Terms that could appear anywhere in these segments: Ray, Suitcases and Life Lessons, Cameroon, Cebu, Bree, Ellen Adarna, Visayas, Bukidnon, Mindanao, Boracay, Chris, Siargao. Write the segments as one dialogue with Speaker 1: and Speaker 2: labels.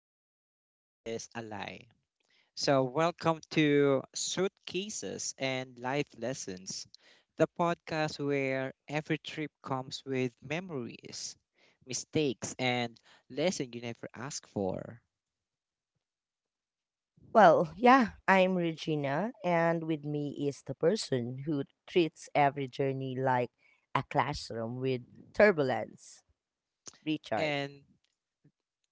Speaker 1: packing light is a lie. So, welcome to Suitcases and Life Lessons, the podcast where every trip comes with memories, mistakes, and lesson you never ask for.
Speaker 2: Well, yeah, I'm Regina, and with me is the person who treats every journey like a classroom with turbulence, Richard.
Speaker 1: And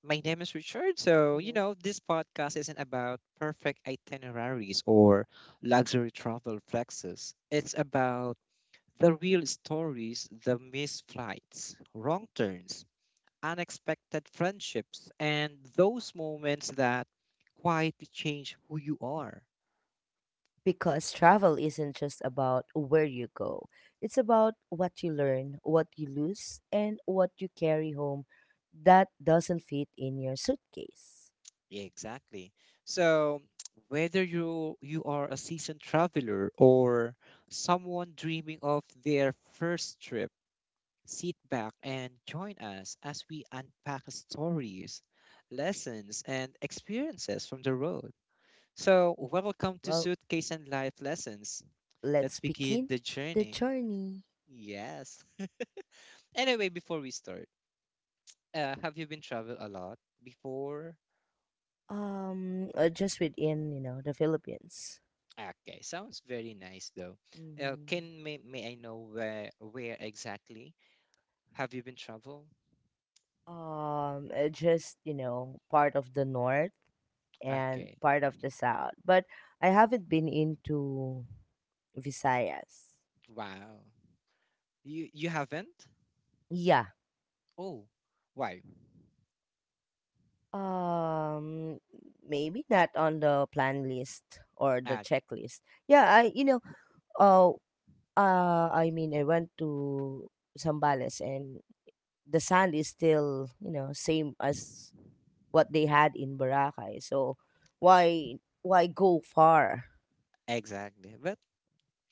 Speaker 1: my name is Richard. So,
Speaker 2: hmm
Speaker 1: this podcast isn't about perfect itineraries or luxury travel flexes. It's about the real stories, the missed flights, wrong turns, unexpected friendships, and those moments that quietly change who you are.
Speaker 2: Because travel isn't just about where you go, it's about what you learn, what you lose, and what you carry home that doesn't fit in your suitcase.
Speaker 1: Yeah, exactly. So, whether you are a seasoned traveler or someone dreaming of their first trip, sit back and join us as we unpack stories, lessons, and experiences from the road. So, welcome to
Speaker 2: Well,
Speaker 1: Suitcase and Life Lessons. Let's
Speaker 2: let's
Speaker 1: begin
Speaker 2: begin
Speaker 1: the
Speaker 2: the
Speaker 1: journey.
Speaker 2: journey.
Speaker 1: Yes. Anyway, before we start, have you been travel a lot before?
Speaker 2: Just within, the Philippines.
Speaker 1: Okay, sounds very nice though. Can may I know where exactly have you been travel?
Speaker 2: Just part of the north and
Speaker 1: Okay.
Speaker 2: part of the south. But I haven't been into Visayas.
Speaker 1: Wow. You haven't?
Speaker 2: Yeah.
Speaker 1: Oh, why?
Speaker 2: Um, Maybe not on the plan list or the
Speaker 1: Ah.
Speaker 2: checklist. Yeah, I uh, I mean, I went to Zambales and the sand is still, you know, same as what they had in Boracay. So why go far?
Speaker 1: Exactly. But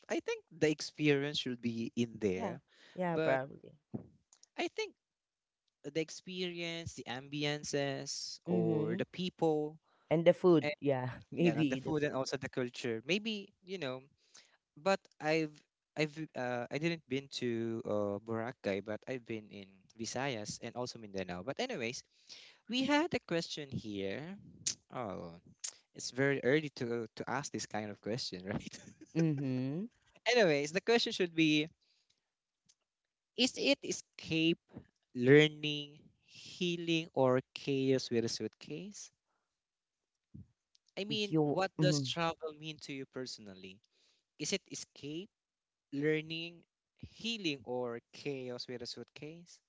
Speaker 1: I think the experience should be in
Speaker 2: Yeah,
Speaker 1: there.
Speaker 2: yeah,
Speaker 1: But
Speaker 2: probably.
Speaker 1: I think the experience, the ambiances, or
Speaker 2: Mhm.
Speaker 1: the people,
Speaker 2: And the food, yeah,
Speaker 1: yeah, the
Speaker 2: maybe the
Speaker 1: food and
Speaker 2: food,
Speaker 1: also the culture, maybe, but I didn't been to Boracay, but I've been in Visayas and also Mindanao. But anyways, we had a question here. Oh, it's very early to ask this kind of question, right?
Speaker 2: yeah. Mhm.
Speaker 1: Anyways, the question should be, is it escape, learning, healing, or chaos with a suitcase? I mean,
Speaker 2: You
Speaker 1: what does
Speaker 2: mhm.
Speaker 1: travel mean to you personally? Is it escape, learning, healing, or chaos with a suitcase?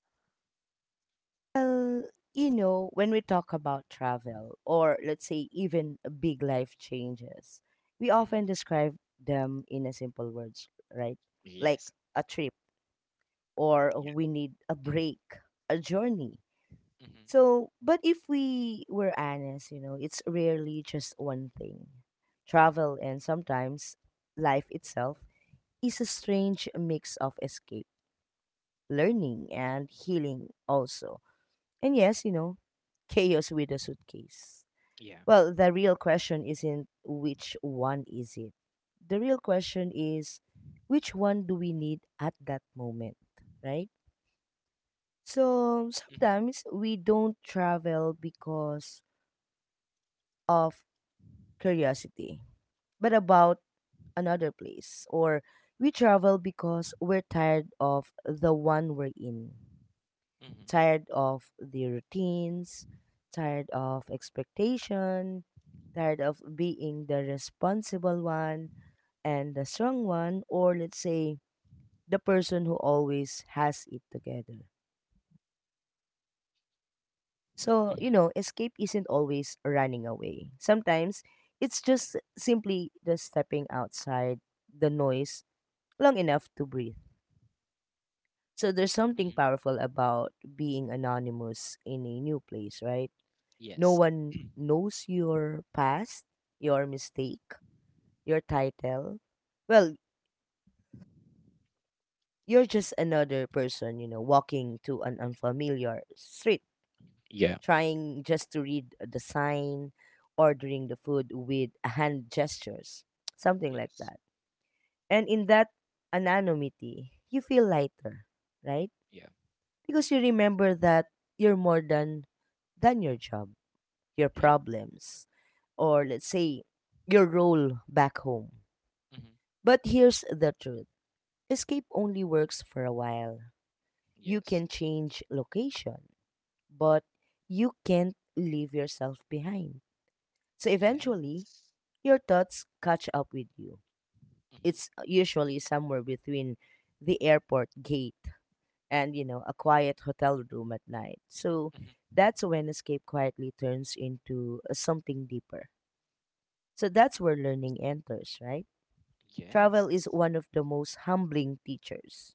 Speaker 2: Well, you know, when we talk about travel, or let's say even big life changes, we
Speaker 1: Mm.
Speaker 2: often describe them in a simple words, right? Like
Speaker 1: Yes.
Speaker 2: a trip, or we need a break, a journey.
Speaker 1: Yeah. Mm-hmm.
Speaker 2: So, but if we were honest, you know, it's rarely just one thing. Travel and sometimes life itself is a strange mix of escape, learning, and healing, also. And yes, you know, chaos with a suitcase.
Speaker 1: Yeah.
Speaker 2: Well, the real question isn't which one is it? The real question is which one do we need at that moment, right? So
Speaker 1: Mm-hmm.
Speaker 2: sometimes we don't travel because of curiosity, but about another place. Or we travel because we're tired of the one we're in,
Speaker 1: Mm-hmm.
Speaker 2: tired of the routines, tired of expectation, tired of being the responsible one and the strong one, or let's say the person who always has it together. So,
Speaker 1: Mm-hmm.
Speaker 2: you know, escape isn't always running away. Sometimes it's just simply just stepping outside the noise long enough to breathe. So there's something
Speaker 1: Mm-hmm.
Speaker 2: powerful about being anonymous in a new place, right? No
Speaker 1: Yes.
Speaker 2: one knows your past, your mistake, your title. Well, you're just another person, you know, walking to an unfamiliar street,
Speaker 1: Yeah.
Speaker 2: trying just to read the sign, ordering the food with hand gestures, something like
Speaker 1: Yes.
Speaker 2: that. And in that anonymity, you feel lighter, right?
Speaker 1: Yeah.
Speaker 2: Because you remember that you're more than your job, your
Speaker 1: Yeah.
Speaker 2: problems, or let's say your role back home.
Speaker 1: Mm-hmm.
Speaker 2: But here's the truth. Escape only works for a while. You
Speaker 1: Yes.
Speaker 2: can change location, but you can't leave yourself behind. So eventually,
Speaker 1: Yes.
Speaker 2: your thoughts catch up with you.
Speaker 1: Mm-hmm.
Speaker 2: It's usually somewhere between the airport gate and, you know, a quiet hotel room at night. So
Speaker 1: Mm-hmm.
Speaker 2: that's when escape quietly turns into something deeper. So that's where learning enters, right? Travel is
Speaker 1: Yes.
Speaker 2: one of the most humbling teachers.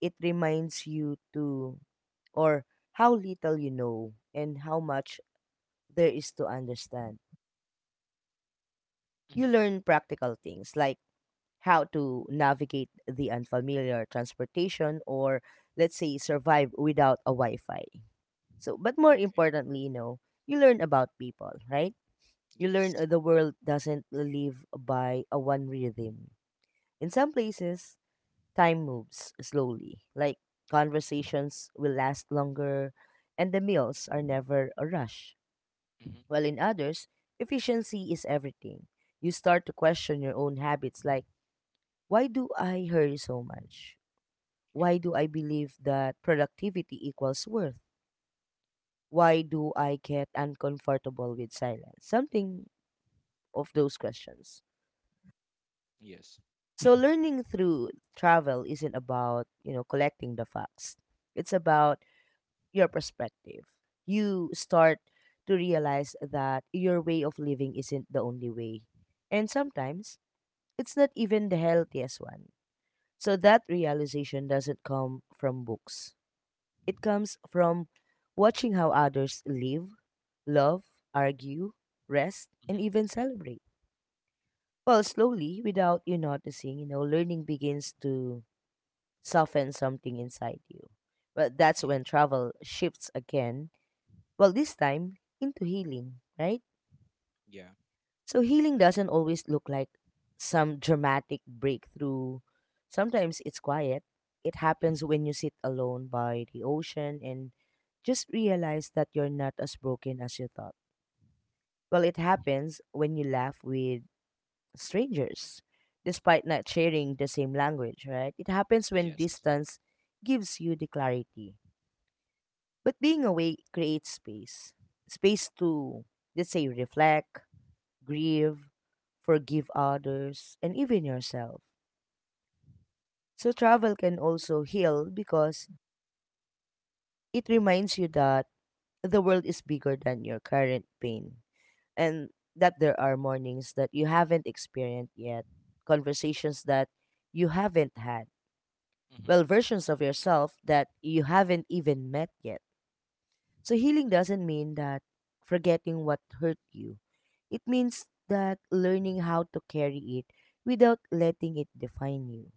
Speaker 2: It reminds you to, or how little you know and how much there is to understand. You
Speaker 1: Mm-hmm.
Speaker 2: learn practical things like how to navigate the unfamiliar transportation, or let's say survive without a Wi-Fi. So, but more
Speaker 1: Okay.
Speaker 2: importantly, you know, you learn about people, right? You learn
Speaker 1: Yes.
Speaker 2: the world doesn't live by a one rhythm. In some places, time moves slowly. Like conversations will last longer and the meals are never a rush.
Speaker 1: Mm-hmm.
Speaker 2: While in others, efficiency is everything. You start to question your own habits like, why do I hurry so much?
Speaker 1: Yeah.
Speaker 2: Why do I believe that productivity equals worth? Why do I get uncomfortable with silence? Something of those questions.
Speaker 1: Yes.
Speaker 2: So learning through travel isn't about, you know, collecting the facts. It's about your perspective. You start to realize that your way of living isn't the only way. And sometimes it's not even the healthiest one. So that realization doesn't come from books. It comes from watching how others live, love, argue, rest, and
Speaker 1: Mm-hmm.
Speaker 2: even celebrate. Well, slowly, without you noticing, you know, learning begins to soften something inside you. Well, that's
Speaker 1: Yeah.
Speaker 2: when travel shifts again. Well, this time into healing, right?
Speaker 1: Yeah.
Speaker 2: So healing doesn't always look like some dramatic breakthrough. Sometimes it's quiet. It happens
Speaker 1: Mm-hmm.
Speaker 2: when you sit alone by the ocean and just realize that you're not as broken as you thought. Well, it
Speaker 1: Mm-hmm.
Speaker 2: happens when you laugh with strangers, despite not sharing the same language, right? It happens when
Speaker 1: Yes.
Speaker 2: distance gives you the clarity. But being away creates space, space to, let's say, reflect, grieve, forgive others, and even yourself. So travel can also heal because it reminds you that the world is bigger than your current pain, and that there are mornings that you haven't experienced yet, conversations that you haven't had,
Speaker 1: Mm-hmm.
Speaker 2: well, versions of yourself that you haven't even met yet. So healing doesn't mean that forgetting what hurt you. It means that learning how to carry it without letting it define you.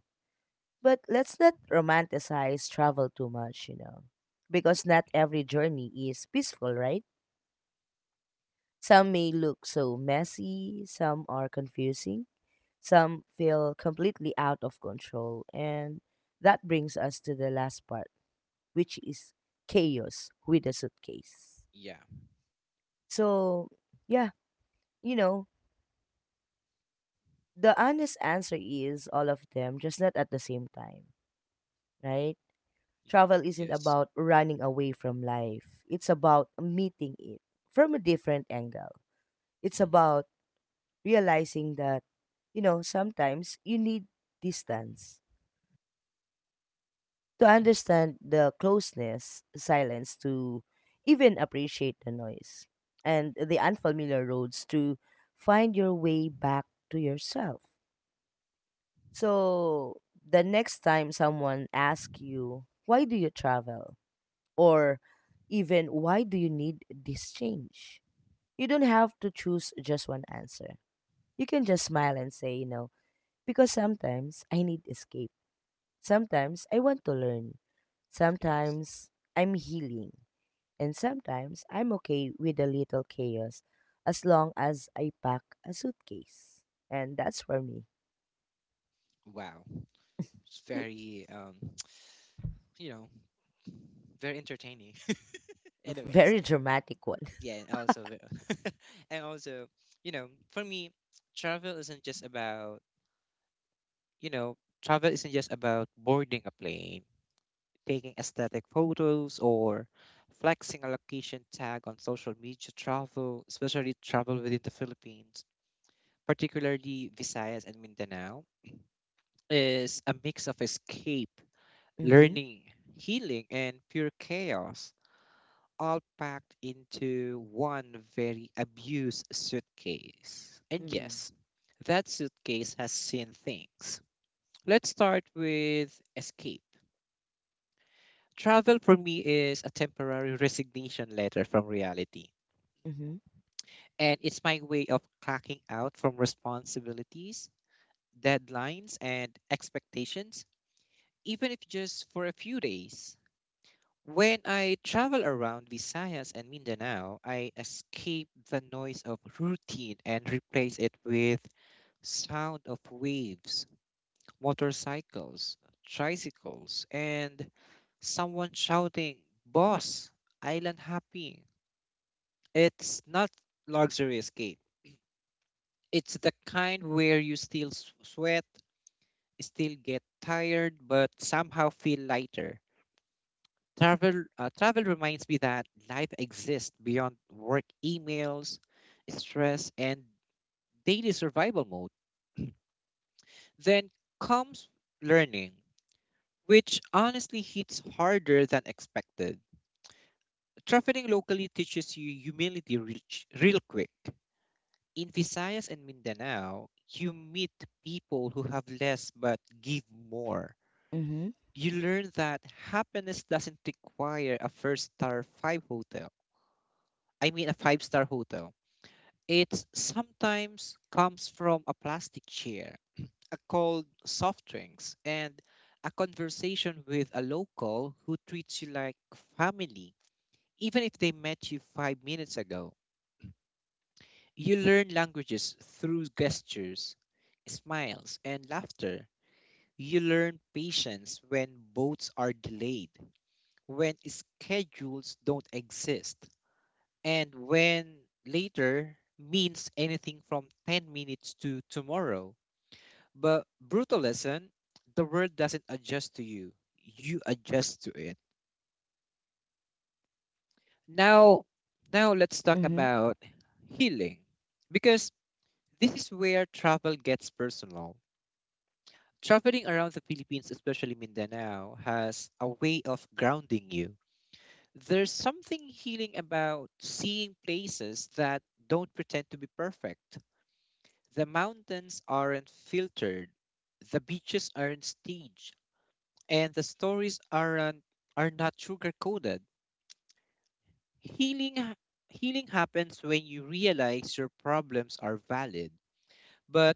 Speaker 2: But let's not romanticize travel too much, you know, because not every journey is peaceful, right? Some may look so messy, some are confusing, some feel completely out of control. And that brings us to the last part, which is chaos with a suitcase.
Speaker 1: Yeah.
Speaker 2: So, yeah, you know, the honest answer is all of them, just not at the same time, right?
Speaker 1: Yeah.
Speaker 2: Travel isn't
Speaker 1: Yes.
Speaker 2: about running away from life, it's about meeting it from a different angle. It's
Speaker 1: Mm-hmm.
Speaker 2: about realizing that, you know, sometimes you need distance to
Speaker 1: Mm-hmm.
Speaker 2: understand the closeness, silence, to even appreciate the noise and the unfamiliar roads to find your way back to yourself. So, the next time someone asks you, why do you travel? Or even, why do you need this change? You don't have to choose just one answer. You can just smile and say, you know, because sometimes I need escape. Sometimes I want to learn.
Speaker 1: Yes.
Speaker 2: Sometimes I'm healing. And sometimes I'm okay with a little chaos as long as I pack a suitcase. And that's for me.
Speaker 1: Wow. It's very you know very entertaining. Anyways,
Speaker 2: Very dramatic one.
Speaker 1: yeah, and also, for me, travel isn't just about you know, travel isn't just about boarding a plane, taking aesthetic photos, or flexing a location tag on social media. Travel, especially travel within the Philippines, particularly Visayas and Mindanao, is a mix of escape,
Speaker 2: Mm-hmm.
Speaker 1: learning, healing, and pure chaos all packed into one very abused suitcase. And
Speaker 2: Mm-hmm.
Speaker 1: yes, that suitcase has seen things. Let's start with escape. Travel for me is a temporary resignation letter from reality. And it's my way of cracking out from responsibilities, deadlines, and expectations, even if just for a few days. When I travel around Visayas and Mindanao, I escape the noise of routine and replace it with sound of waves, motorcycles, tricycles, and someone shouting, "Boss, island happy." It's not luxury escape. It's the kind where you still sweat, still get tired, but somehow feel lighter. Travel reminds me that life exists beyond work emails, stress, and daily survival mode. Then comes learning, which honestly hits harder than expected. Traveling locally teaches you humility reach, real quick. In Visayas and Mindanao, you meet people who have less but give more.
Speaker 2: Mm-hmm.
Speaker 1: You learn that happiness doesn't require a first star five hotel. I mean a five-star hotel. It sometimes comes from a plastic chair, a cold soft drinks, and a conversation with a local who treats you like family, even if they met you 5 minutes ago. You learn languages through gestures, smiles, and laughter. You learn patience when boats are delayed, when schedules don't exist, and when later means anything from 10 minutes to tomorrow. But brutal lesson, the world doesn't adjust to you. You adjust to it. Now, now, let's talk
Speaker 2: Mm-hmm.
Speaker 1: about healing because this is where travel gets personal. Traveling around the Philippines, especially Mindanao, has a way of grounding you. There's something healing about seeing places that don't pretend to be perfect. The mountains aren't filtered. The beaches aren't staged, and the stories are not sugar coated. Healing ha- healing happens when you realize your problems are valid, but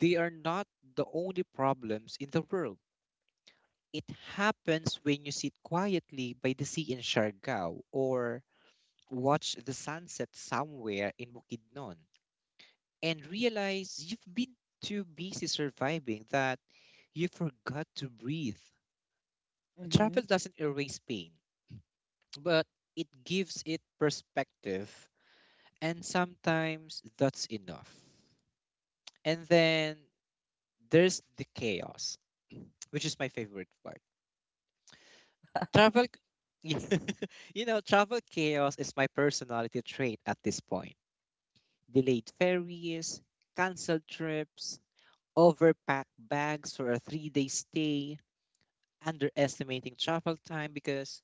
Speaker 1: they are not the only problems in the world. It happens when you sit quietly by the sea in Siargao or watch the sunset somewhere in Bukidnon and realize you've been too busy surviving that you forgot to breathe. Travel
Speaker 2: Mhm,
Speaker 1: doesn't erase pain, but it gives it perspective, and sometimes that's enough. And then there's the chaos, which is my favorite part. Travel c- travel chaos is my personality trait at this point. Delayed ferries, canceled trips, overpacked bags for a three-day stay, underestimating travel time because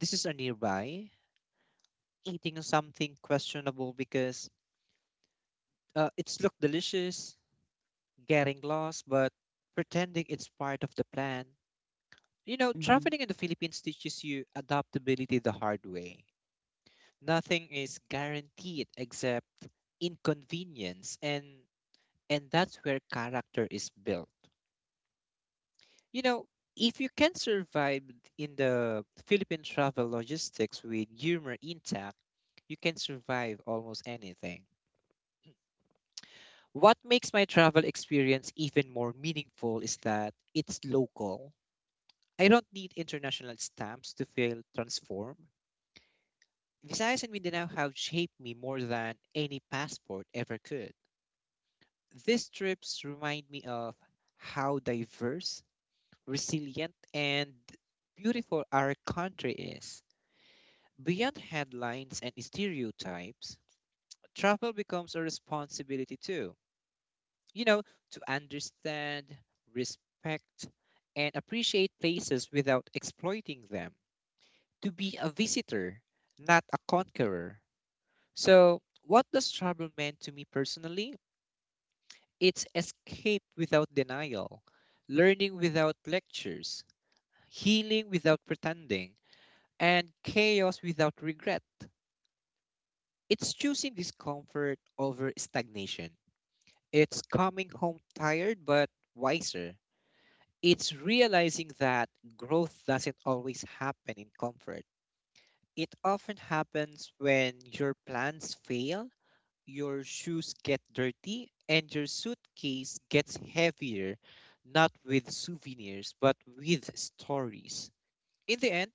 Speaker 1: this is a nearby, eating something questionable because it's looked delicious, getting lost, but pretending it's part of the plan. You know,
Speaker 2: mhm,
Speaker 1: traveling in the Philippines teaches you adaptability the hard way. Nothing is guaranteed except inconvenience, and that's where character is built. You know, if you can survive in the Philippine travel logistics with humor intact, you can survive almost anything. What makes my travel experience even more meaningful is that it's local. I don't need international stamps to feel transformed. Visayas and Mindanao have shaped me more than any passport ever could. These trips remind me of how diverse, resilient, and beautiful our country is. Beyond headlines and stereotypes, travel becomes a responsibility too. You know, to understand, respect, and appreciate places without exploiting them. To be a visitor, not a conqueror. So, what does travel mean to me personally? It's escape without denial, learning without lectures, healing without pretending, and chaos without regret. It's choosing discomfort over stagnation. It's coming home tired but wiser. It's realizing that growth doesn't always happen in comfort. It often happens when your plans fail, your shoes get dirty, and your suitcase gets heavier, not with souvenirs, but with stories. In the end,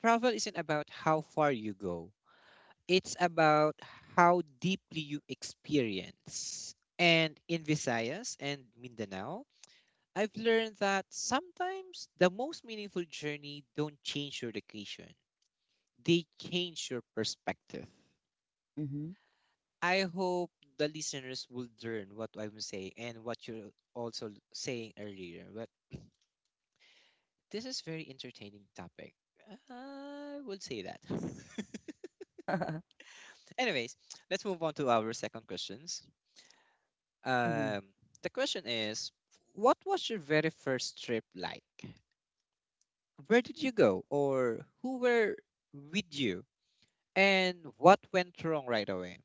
Speaker 1: travel isn't about how far you go, it's about how deeply you experience. And in Visayas and Mindanao, I've learned that sometimes the most meaningful journey don't change your location, they change your perspective.
Speaker 2: mhm,
Speaker 1: I hope the listeners would learn what I'm saying and what you're also saying earlier. But this is very entertaining topic. I would say that. Anyways, let's move on to our second questions.
Speaker 2: mhm.
Speaker 1: Um, the question is, what was your very first trip like? Where did you go, or who were with you, and what went wrong right away?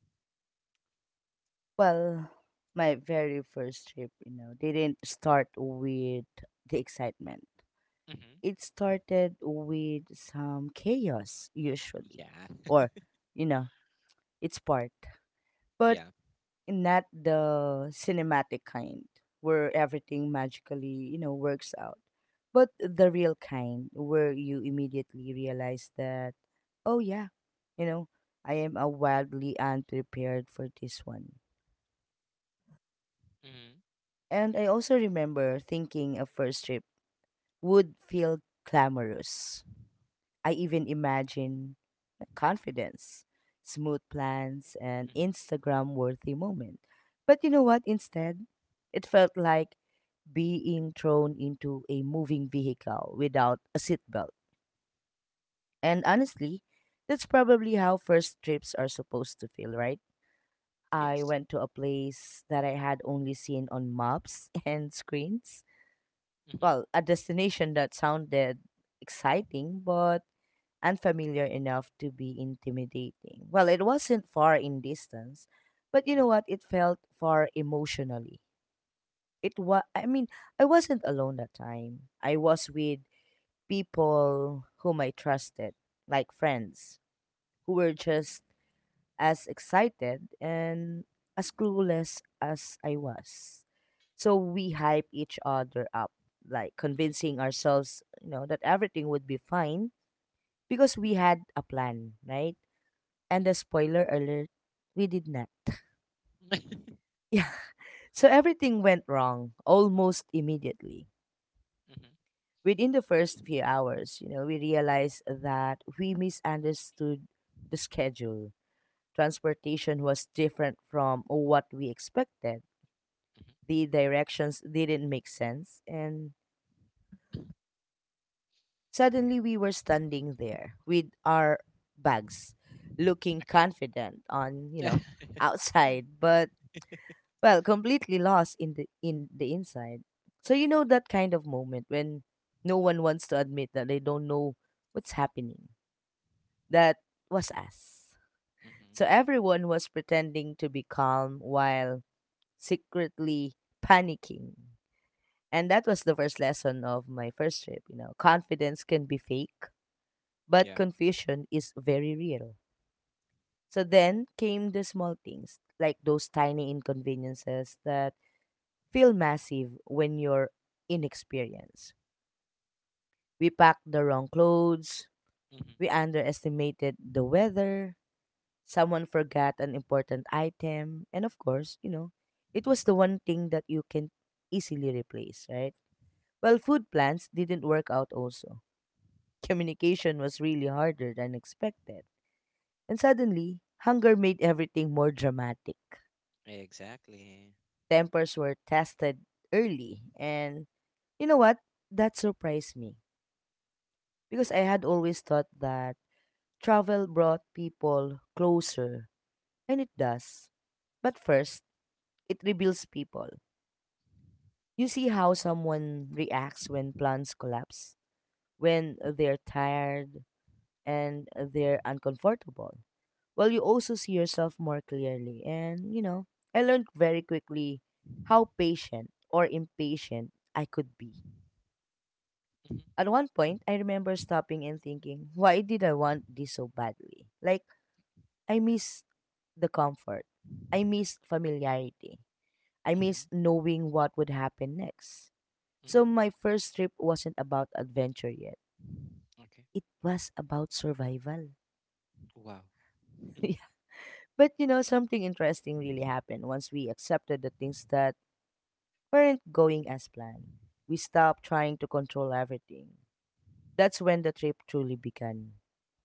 Speaker 2: Well, my very first trip, you know, didn't start with the excitement.
Speaker 1: Hmm.
Speaker 2: It started with some chaos, usually,
Speaker 1: Yeah,
Speaker 2: or, you know, its part. But
Speaker 1: yeah.
Speaker 2: not the cinematic kind where everything magically, you know, works out, but the real kind where you immediately realize that, oh yeah, you know, I am a wildly unprepared for this one.
Speaker 1: Hmm.
Speaker 2: And I also remember thinking a first trip would feel glamorous. I even imagine like confidence, smooth plans, and
Speaker 1: Hmm.
Speaker 2: Instagram worthy moment. But you know what? Instead, it felt like being thrown into a moving vehicle without a seatbelt. And honestly, that's probably how first trips are supposed to feel, right? I
Speaker 1: Yes.
Speaker 2: went to a place that I had only seen on maps and screens,
Speaker 1: Hmm.
Speaker 2: well, a destination that sounded exciting but unfamiliar enough to be intimidating. Well, it wasn't far in distance, but you know
Speaker 1: Hmm.
Speaker 2: what? It felt far emotionally. I mean, I wasn't alone that time. I was with people whom I trusted, like friends, who were just as excited and as clueless as I was. So we hype each other up, like convincing ourselves, you know, that everything would be fine because we had a plan, right? And a
Speaker 1: Hmm.
Speaker 2: spoiler alert, we did not. Yeah. So everything went wrong almost immediately.
Speaker 1: Mhm.
Speaker 2: Within the first few hours, you know, we realized that we misunderstood the schedule. Transportation was different from what we expected. The directions didn't make sense, and suddenly we were standing there with our bags, looking
Speaker 1: Okay.
Speaker 2: confident on, you
Speaker 1: Mhm.
Speaker 2: know, outside, but well, completely lost in the inside. So you know that kind of moment when no one wants to admit that they don't know what's happening. That was us.
Speaker 1: Mhm.
Speaker 2: So everyone was pretending to be calm while secretly panicking. And that was the first lesson of my first trip, you know. Confidence can be fake, but
Speaker 1: Yeah.
Speaker 2: confusion is very real. So then came the small things, like those tiny inconveniences that feel massive when you're inexperienced. We packed the wrong clothes,
Speaker 1: Mhm.
Speaker 2: we underestimated the weather, someone forgot an important item, and of course, you know, it was the one thing that you can easily replace, right? Well, food plans didn't work out also. Communication was really harder than expected. And suddenly, hunger made everything more dramatic.
Speaker 1: Exactly.
Speaker 2: Tempers were tested early. And you know what? That surprised me. Because I had always thought that travel brought people closer. And it does. But first, it reveals people. You see how someone reacts when plans collapse, when they're tired and they're uncomfortable. Well, you also see yourself more clearly. And, you know, I learned very quickly how patient or impatient I could be.
Speaker 1: Mhm.
Speaker 2: At one point, I remember stopping and thinking, why did I want this so badly? Like, I miss the comfort. I miss familiarity. I
Speaker 1: Mhm.
Speaker 2: miss knowing what would happen next.
Speaker 1: Mhm.
Speaker 2: So my first trip wasn't about adventure yet.
Speaker 1: Okay.
Speaker 2: It was about survival.
Speaker 1: Wow.
Speaker 2: Yeah. But you know, something interesting really happened once we accepted the things that weren't going as planned. We stopped trying to control everything. That's when the trip truly began.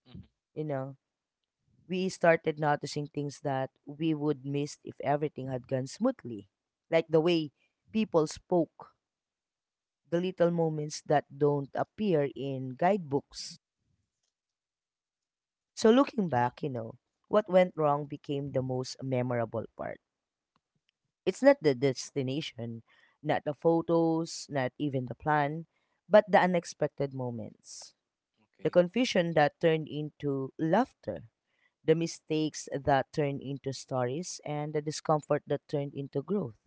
Speaker 1: Mhm.
Speaker 2: You know, we started noticing things that we would miss if everything had gone smoothly, like the way people spoke, the little moments that don't appear in guidebooks. So, looking
Speaker 1: Mhm.
Speaker 2: back, what went wrong became the most memorable part. It's not the destination, not the photos, not even the plan, but the unexpected moments, the
Speaker 1: Okay.
Speaker 2: confusion that turned into laughter, the mistakes that turned into stories, and the discomfort that turned into growth.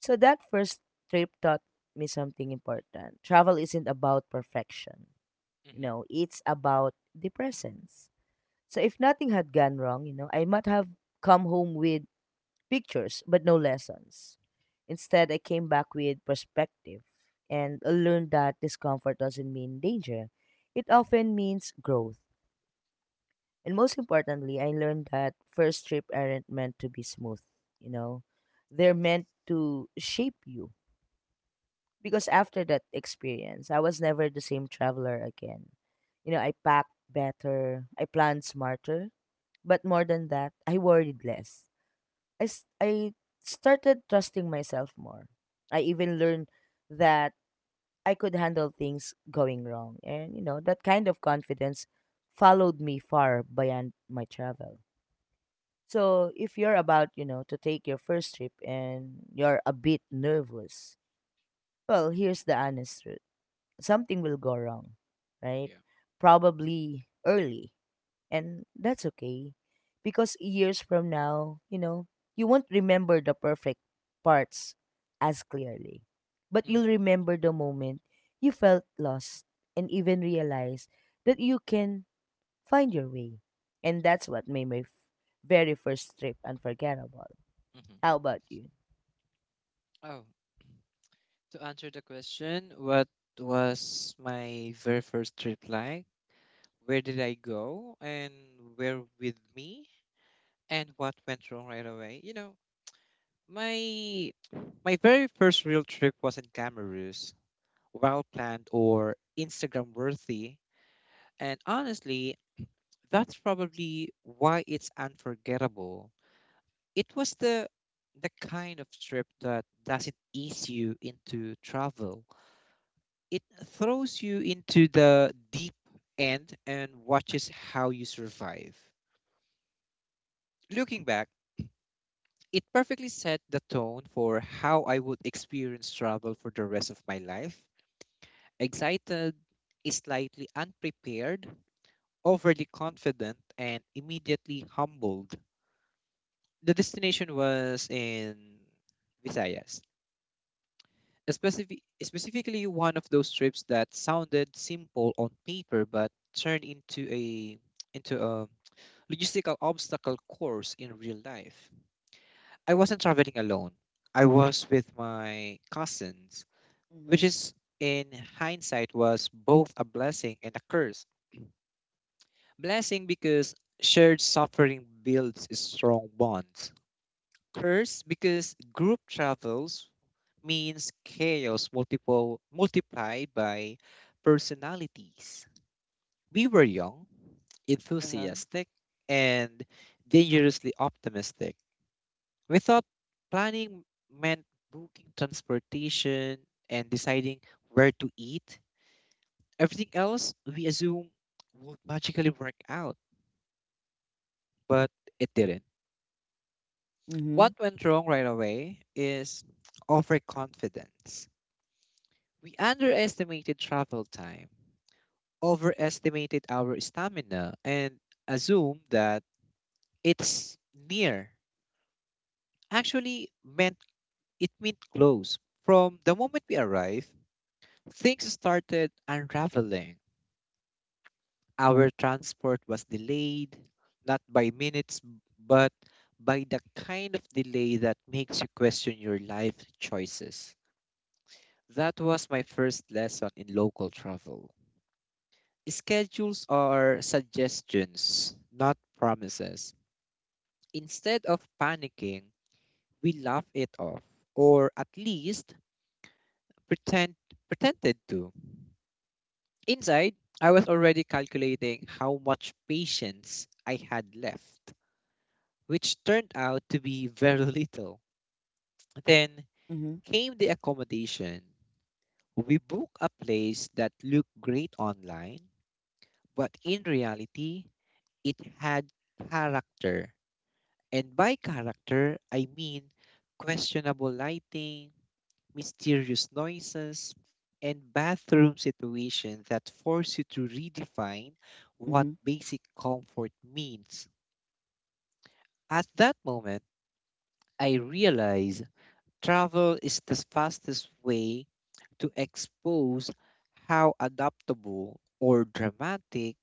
Speaker 2: So that first trip taught me something important. Travel isn't about perfection. You
Speaker 1: Mhm.
Speaker 2: know, it's about the presence. So if nothing had gone wrong, I might have come home with pictures but no lessons. Instead, I came back with perspective and learned that discomfort doesn't mean danger. It
Speaker 1: Mhm.
Speaker 2: often means growth. And most importantly, I learned that first trip aren't meant to be smooth, you know. They're
Speaker 1: Yes.
Speaker 2: meant to shape you. Because after that experience, I was never the same traveler again. I packed better, I planned smarter, but more than that, I worried less. I started trusting myself more. I even learned that I could handle things going wrong. And that kind of confidence followed me far beyond my travel. So, if you're about to take your first trip and you're a bit nervous, well, here's the honest truth. Something will go wrong, right?
Speaker 1: Yeah.
Speaker 2: Probably early. And that's okay because years from now, you won't remember the perfect parts as clearly. But you'll
Speaker 1: Mhm.
Speaker 2: remember the moment you felt lost and even realize that you can find your way. And that's what made my very first trip unforgettable.
Speaker 1: Mhm.
Speaker 2: How about you?
Speaker 1: Oh, to answer the question, what was my very first trip like? Where did I go and where with me and what went wrong right away? You know, my my very first real trip was in Cameroon. Well planned, or Instagram worthy. And honestly, that's probably why it's unforgettable. It was the kind of trip that doesn't ease you into travel. It throws you into the deep end and watches how you survive. Looking back, it perfectly set the tone for how I would experience travel for the rest of my life. Excited, slightly unprepared, overly confident and immediately humbled. The destination was in Visayas, specifically one of those trips that sounded simple on paper but turned into a logistical obstacle course in real life. I wasn't traveling alone. I was with my cousins, which
Speaker 2: Mm-hmm.
Speaker 1: is in hindsight was both a blessing and a curse. Blessing because shared suffering builds strong bonds. First, because group travels means chaos multiple multiplied by personalities. We were young,
Speaker 2: Uh-huh.
Speaker 1: enthusiastic, and dangerously optimistic. We thought planning meant booking transportation and deciding where to eat. Everything else we assume would magically work out, but it didn't.
Speaker 2: Mm-hmm.
Speaker 1: What went wrong right away is overconfidence. We underestimated travel time, overestimated our stamina, and assumed that it's near. Actually, meant it meant close. From the moment we arrived, things started unraveling. Our transport was delayed, not by minutes, but by the kind of delay that makes you question your life choices. That was my first lesson in local travel. Schedules are suggestions, not promises. Instead of panicking, we laugh it off, or at least pretend pretended to. Inside, I was already calculating how much patience I had left, which turned out to be very little. Then
Speaker 2: Mm-hmm.
Speaker 1: came the accommodation. We booked a place that looked great online, but in reality, it had character. And by character, I mean questionable lighting, mysterious noises, and bathroom situations that force you to redefine what
Speaker 2: Mm-hmm.
Speaker 1: basic comfort means. At that moment, I realized travel is the fastest way to expose how adaptable or dramatic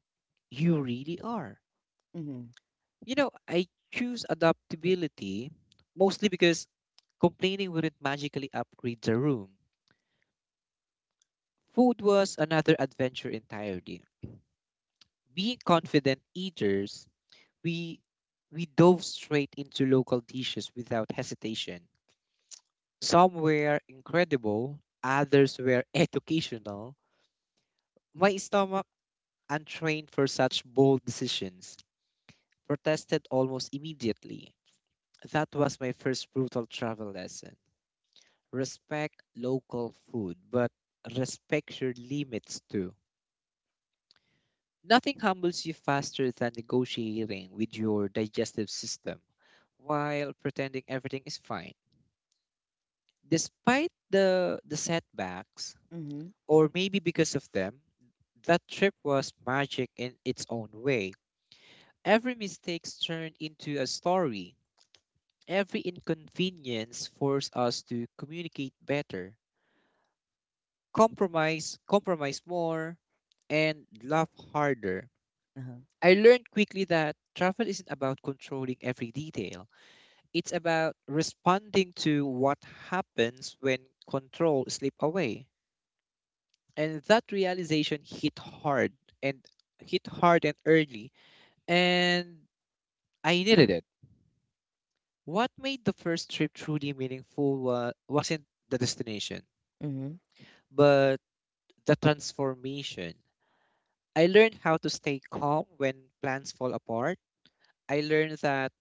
Speaker 1: you really are.
Speaker 2: Mhm.
Speaker 1: You know, I choose adaptability mostly because complaining wouldn't magically upgrade the room. Food was another adventure entirely. Being confident eaters, we we dove straight into local dishes without hesitation. Some were incredible, others were educational. My stomach, untrained for such bold decisions, protested almost immediately. That was my first brutal travel lesson. Respect local food, but respect your limits too. Nothing humbles you faster than negotiating with your digestive system while pretending everything is fine. Despite the setbacks,
Speaker 2: Mhm.
Speaker 1: or maybe because of them, that trip was magic in its own way. Every mistake turned into a story. Every inconvenience forced us to communicate better, compromise more, and laugh harder.
Speaker 2: Uh-huh.
Speaker 1: I learned quickly that travel isn't about controlling every detail. It's about responding to what happens when control slip away. And that realization hit hard and and early. And I needed it. What made the first trip truly meaningful wasn't the destination,
Speaker 2: Mhm.
Speaker 1: but the transformation. I learned how to stay calm when plans fall apart. I learned that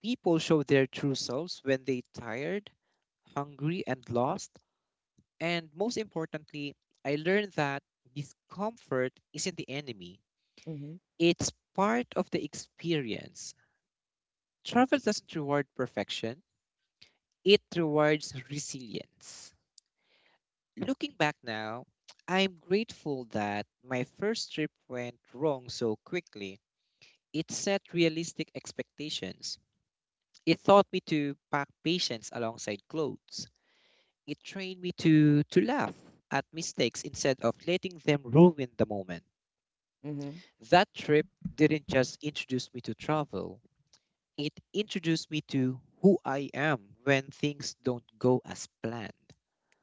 Speaker 1: people show their true selves when they tired, hungry, and lost. And most importantly, I learned that discomfort isn't the enemy,
Speaker 2: Mhm.
Speaker 1: it's part of the experience. Travel doesn't reward perfection, it rewards resilience. Looking back now, I'm grateful that my first trip went wrong so quickly. It set realistic expectations. It taught me to pack patience alongside clothes. It trained me to laugh at mistakes instead of letting them ruin the moment.
Speaker 2: Mhm.
Speaker 1: That trip didn't just introduce me to travel, it introduced me to who I am when things don't go as planned.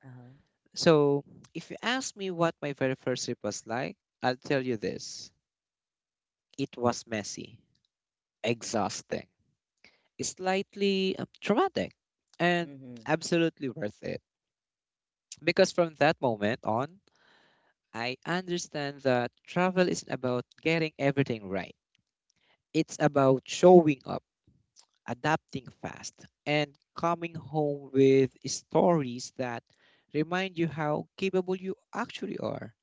Speaker 2: Uh-huh.
Speaker 1: So, if you ask me what my very first trip was like, I'll tell you this: it was messy, exhausting, slightly traumatic, and
Speaker 2: Mhm.
Speaker 1: absolutely worth it. Because from that moment on, I understand that travel isn't about getting everything right, it's about showing up, adapting fast, and coming home with stories that remind you how capable you actually are,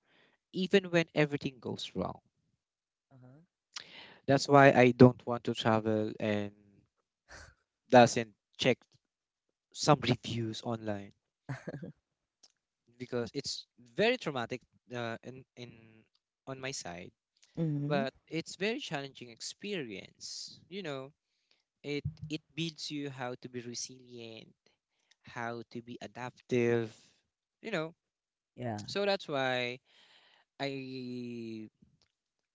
Speaker 1: even when everything goes wrong.
Speaker 2: Uh-huh.
Speaker 1: That's why I don't want to travel and doesn't check some reviews online because it's very traumatic, in on my side,
Speaker 2: Mhm.
Speaker 1: but it's very challenging experience, you know, it it builds you how to be resilient, how to be adaptive, you know.
Speaker 2: Yeah.
Speaker 1: So that's why I,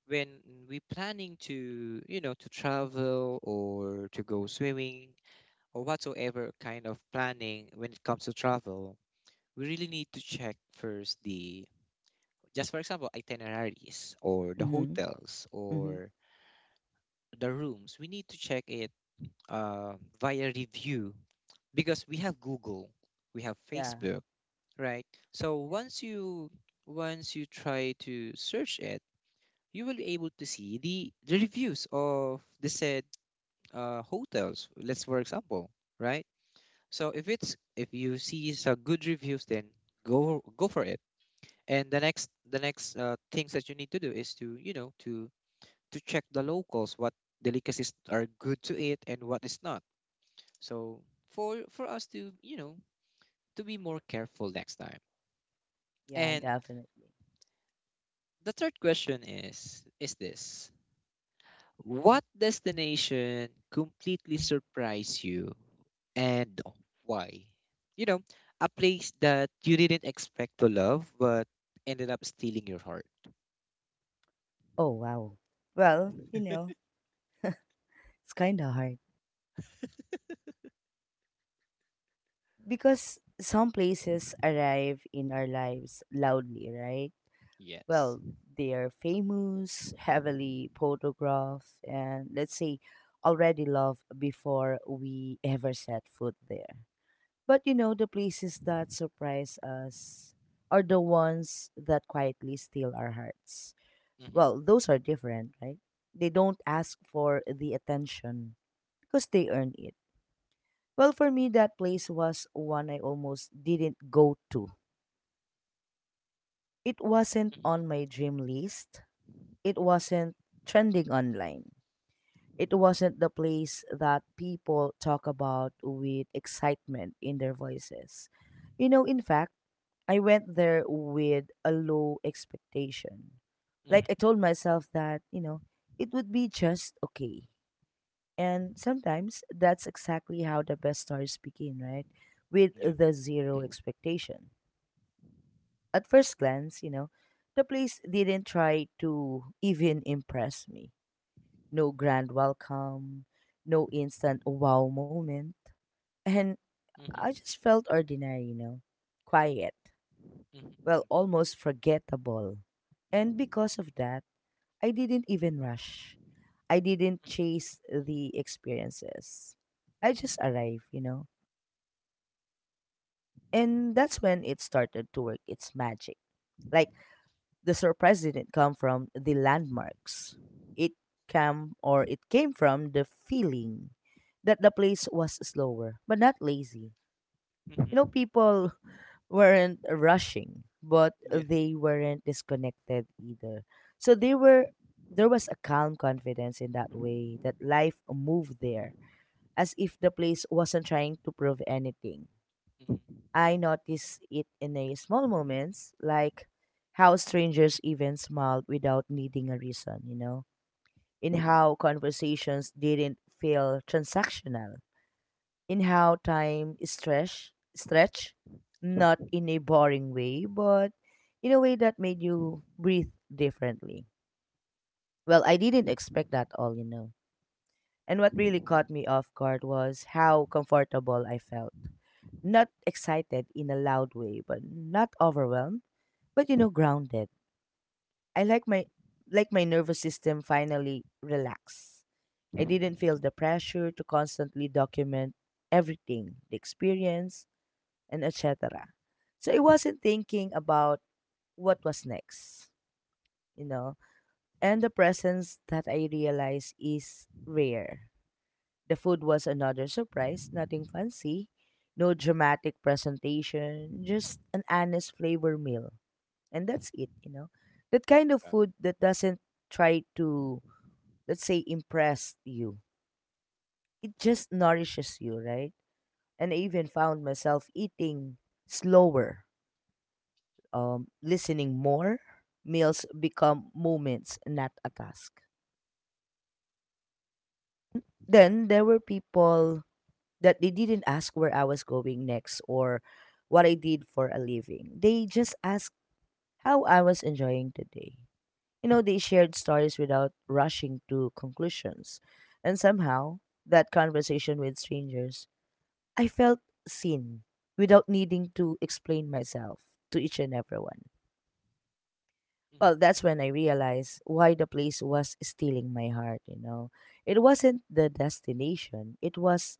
Speaker 1: when we planning to you know to travel or to go swimming or whatsoever kind of planning when it comes to travel, we really need to check first the, just for example, itineraries or the
Speaker 2: Mhm.
Speaker 1: hotels
Speaker 2: Mhm.
Speaker 1: or the rooms. We need to check it uh, via review, because we have Google, we have
Speaker 2: Yeah.
Speaker 1: Facebook, right? So
Speaker 2: Yeah.
Speaker 1: once you try to search it, you will be able to see the reviews of the said hotels. Let's for example, right? So if it's if you see some good reviews, then go for it. And the next things that you need to do is to you know to check the locals what delicacies are good to eat and what is not. So for us to you know to be more careful next time.
Speaker 2: Yeah,
Speaker 1: And
Speaker 2: definitely.
Speaker 1: the third question is this: what destination completely surprised you and why? You know, a place that you didn't expect to love but ended up stealing your heart.
Speaker 2: Oh, wow. Well, it's kind of hard, because some places arrive in our lives loudly, right?
Speaker 1: Yes.
Speaker 2: Well, they are famous, heavily photographed, and let's say already loved before we ever set foot there. But the places that surprise us are the ones that quietly steal our hearts.
Speaker 1: Mm-hmm.
Speaker 2: Well, those are different, right? They don't ask for the attention because they earn it. Well, for me, that place was one I almost didn't go to. It wasn't on my dream list. It wasn't trending online. It wasn't the place that people talk about with excitement in their voices. In fact, I went there with a low expectation.
Speaker 1: Mm-hmm. Mm-hmm.
Speaker 2: Like I told myself that it would be just okay. And sometimes that's exactly how the best stories begin, right? With
Speaker 1: Yeah.
Speaker 2: the zero
Speaker 1: Mm-hmm.
Speaker 2: expectation. At first glance, the place didn't try to even impress me. No grand welcome, no instant wow moment. And
Speaker 1: Mm-hmm.
Speaker 2: I just felt ordinary, quiet, well, almost forgettable. And because of that, I didn't even rush. I didn't chase the experiences. I just arrived. And that's when it started to work its magic. Like the surprise didn't come from the landmarks. It it came from the feeling that the place was slower, but not lazy. You know,
Speaker 1: Mm-hmm.
Speaker 2: people weren't rushing, but
Speaker 1: Yeah.
Speaker 2: they weren't disconnected either. So they were there was a calm confidence in that way that life moved there, as if the place wasn't trying to prove anything.
Speaker 1: Mm-hmm. Mm-hmm. Hmm.
Speaker 2: I noticed it in a small moments, like how strangers even smiled without needing a reason, in how conversations didn't feel transactional, in how time is stretch, not in a boring way, but in a way that made you breathe differently. Well, I didn't expect that all, you know. And what really caught me off guard was how comfortable I felt. Not excited in a loud way, but not overwhelmed, but grounded. I like my nervous system finally relax. I didn't feel the pressure to constantly document everything, the experience, and etc. So I wasn't thinking about what was next, you know. And the presence that I realize is rare. The food was another surprise, nothing fancy, no dramatic presentation, just an honest flavor meal. And that's it, you know. That kind of
Speaker 1: Wow.
Speaker 2: food that doesn't try to, let's say, impress you. It just nourishes you, right? And I even found myself eating slower, listening more. Meals become moments, not a task.
Speaker 1: Wow.
Speaker 2: Then there were people that they didn't ask where I was going next or what I did for a living. They just asked how I was enjoying the day. They shared stories without rushing to conclusions. And somehow, that conversation with strangers, I felt seen without needing to explain myself to each and everyone.
Speaker 1: Mm-hmm.
Speaker 2: Well, that's when I realized why the place was stealing my heart, you know. It wasn't the destination, it was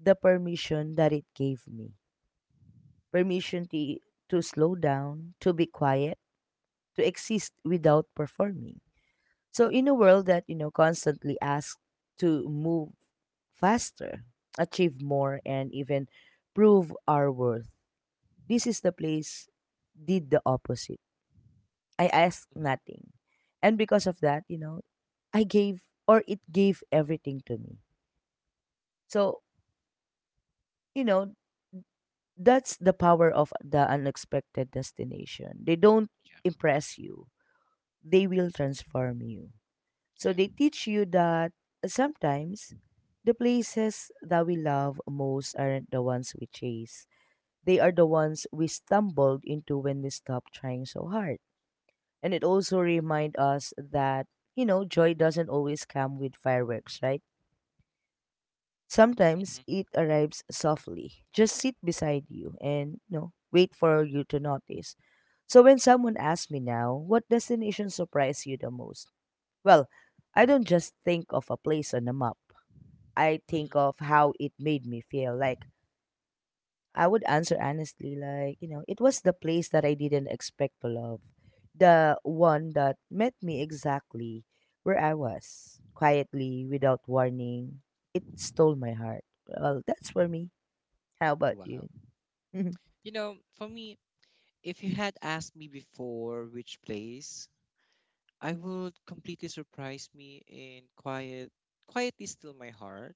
Speaker 2: the permission that it gave me, permission to slow down, to be quiet, to exist without performing. So in a world that constantly asks to move faster, achieve more, and even prove our worth, this is the place did the opposite. I asked
Speaker 1: Mm-hmm.
Speaker 2: nothing. And because of that, you know, I gave or it gave everything to me. So, you know, that's the power of the unexpected destination. They don't
Speaker 1: Yeah.
Speaker 2: impress you, they will transform you. So
Speaker 1: Yeah.
Speaker 2: they teach you that sometimes the places that we love most aren't the ones we chase. They are the ones we stumbled into when we stopped trying so hard. And it also reminds us that joy doesn't always come with fireworks, right? Sometimes
Speaker 1: Mm-hmm.
Speaker 2: it arrives softly. Just sit beside you and wait for you to notice. So when someone asks me now, what destination surprised you the most? Well, I don't just think of a place on a map. I
Speaker 1: Hmm.
Speaker 2: think of how it made me feel. Like, I would answer honestly, like, it was the place that I didn't expect to love. The one that met me exactly where I was, quietly, without warning. It stole my heart. Well, that's for me. How about
Speaker 1: Wow.
Speaker 2: you? Mm-hmm.
Speaker 1: You know, for me, if you had asked me before which place I would completely surprise me in quietly still my heart.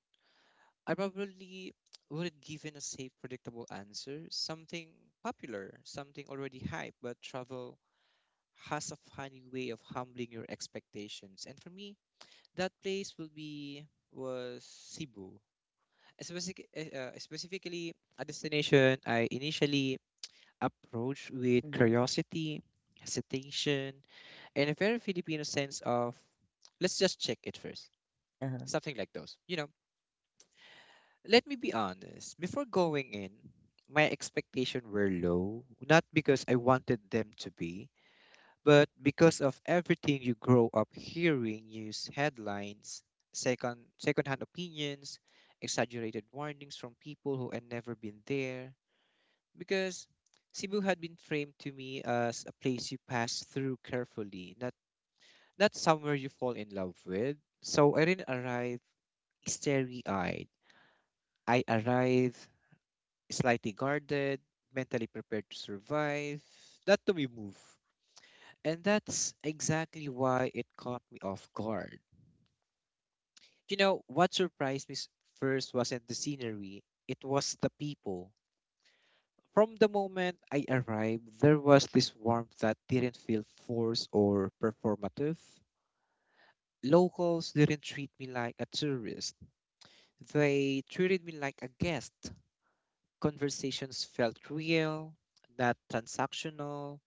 Speaker 1: I probably would have given a safe, predictable answer, something popular, something already hype, but travel has a funny way of humbling your expectations. And for me, that place will be was Cebu. Specifically, a destination I initially approached with curiosity, hesitation, in a very Filipino sense of let's just check it first.
Speaker 2: Uh-huh.
Speaker 1: Something like those. You know, let me be honest. Before going in, my expectations were low, not because I wanted them to be, but because of everything you grow up hearing news headlines, secondhand opinions, exaggerated warnings from people who had never been there. Because Cebu had been framed to me as a place you pass through carefully, not somewhere you fall in love with. So I didn't arrive starry eyed. I arrived slightly guarded, mentally prepared to survive. That to me move. And that's exactly why it caught me off guard. You know, what surprised me first wasn't the scenery, it was the people. From the moment I arrived, there was this warmth that didn't feel forced or performative. Locals didn't treat me like a tourist. They treated me like a guest. Conversations felt real, not transactional.